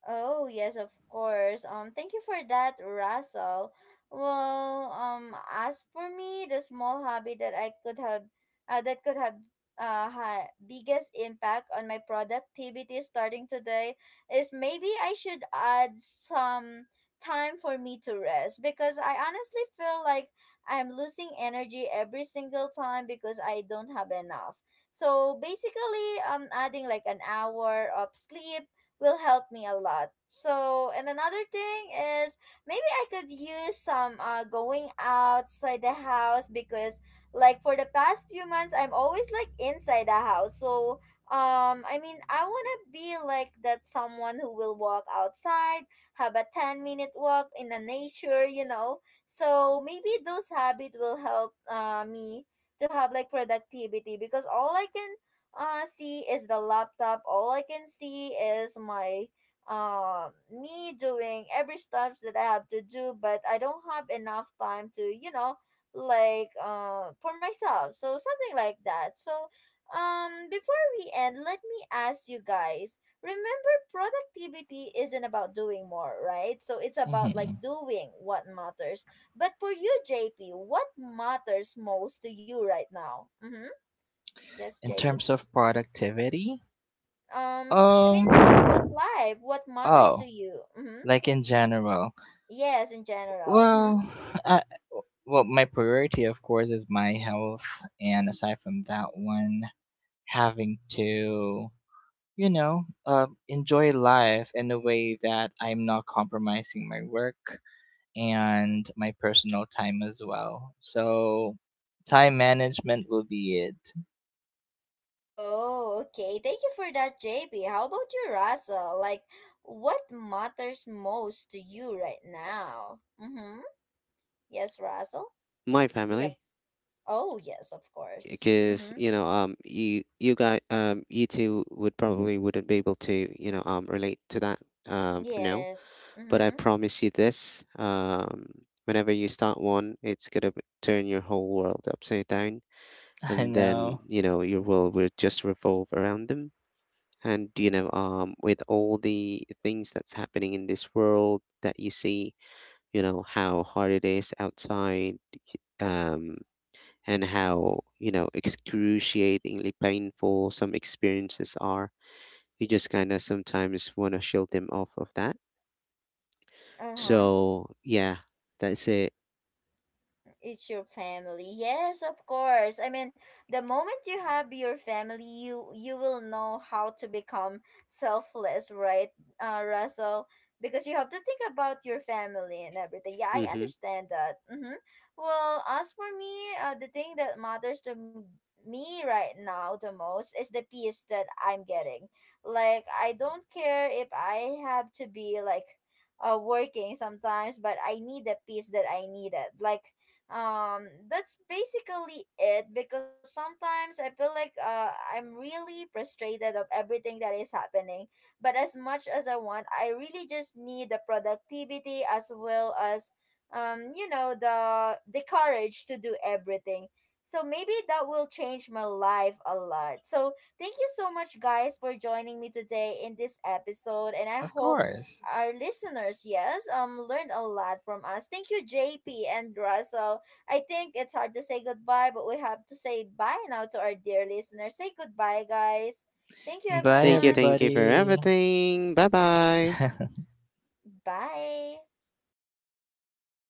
S1: Oh, yes, of course. Thank you for that, Russell. Well, as for me, the small hobby that I could have, that could have, biggest impact on my productivity starting today is maybe I should add some time for me to rest because I honestly feel like I'm losing energy every single time because I don't have enough. So basically, adding like an hour of sleep will help me a lot. So, and another thing is maybe I could use some going outside the house because like for the past few months I'm always like inside the house. So, I mean, I want to be like that someone who will walk outside, have a 10-minute walk in the nature, you know. So, maybe those habit will help me to have like productivity because all I can see is the laptop. All I can see is my me doing every steps that I have to do, but I don't have enough time to, you know, like for myself. So something like that. So, before we end, let me ask you guys. Remember productivity isn't about doing more, right? So it's about like
S2: Hmm
S1: doing what matters. But for you, JP, what matters most to you right now? Mhm. Yes,
S2: In
S1: JP.
S2: terms of productivity,
S1: Um, I mean,
S2: um,
S1: no, about life. What matters
S2: oh.
S1: to you? Mm-hmm.
S2: Like in general.
S1: Yes, in general. Mm-hmm.
S2: Well, I, well, my priority of course is my health, and aside from that one, having to, you know, enjoy life in a way that I'm not compromising my work and my personal time as well. So time management will be it.
S1: Oh, okay. Thank you for that, JB. How about you, Russell? Like, what matters most to you right now? Mm-hmm. Yes, Russell?
S3: My
S1: Do you have...
S3: family,
S1: Oh, yes, of course.
S3: because
S1: Mm-hmm.
S3: you guys, you two would probably wouldn't be able to, relate to that, for now.
S1: Yes.
S3: But I
S1: Mm-hmm.
S3: promise you this, whenever you start one, it's gonna turn your whole world upside down,
S2: I
S3: and then
S2: know.
S3: you know your world will just revolve around them. And with all the things that's happening in this world that you see, you know how hard it is outside, um, and how you know excruciatingly painful some experiences are. You just kind of sometimes want to shield them off of that.
S1: Uh-huh.
S3: So yeah, that's it.
S1: It's your family. Yes, of course. I mean, the moment you have your family, you will know how to become selfless, right, Russell? Because you have to think about your family and everything. Yeah, I
S3: Mhm.
S1: understand that. Mm-hmm. Well, as for me, the thing that matters to me right now the most is the peace that I'm getting. Like, I don't care if I have to be like working sometimes, but I need the peace that I needed. Like, that's basically it because sometimes I feel like I'm really frustrated of everything that is happening, but as much as I want, I really just need the productivity as well as, you know, the courage to do everything. So maybe that will change my life a lot. So thank you so much guys for joining me today in this episode, and I
S2: Of
S1: hope
S2: course.
S1: our listeners, yes, learned a lot from us. Thank you, JP and Russell. I think it's hard to say goodbye, but we have to say bye now to our dear listeners. Say goodbye, guys. Thank you,
S2: Bye,
S1: everyone.
S3: Thank you for
S2: everybody.
S3: everything. Bye bye.
S1: Bye.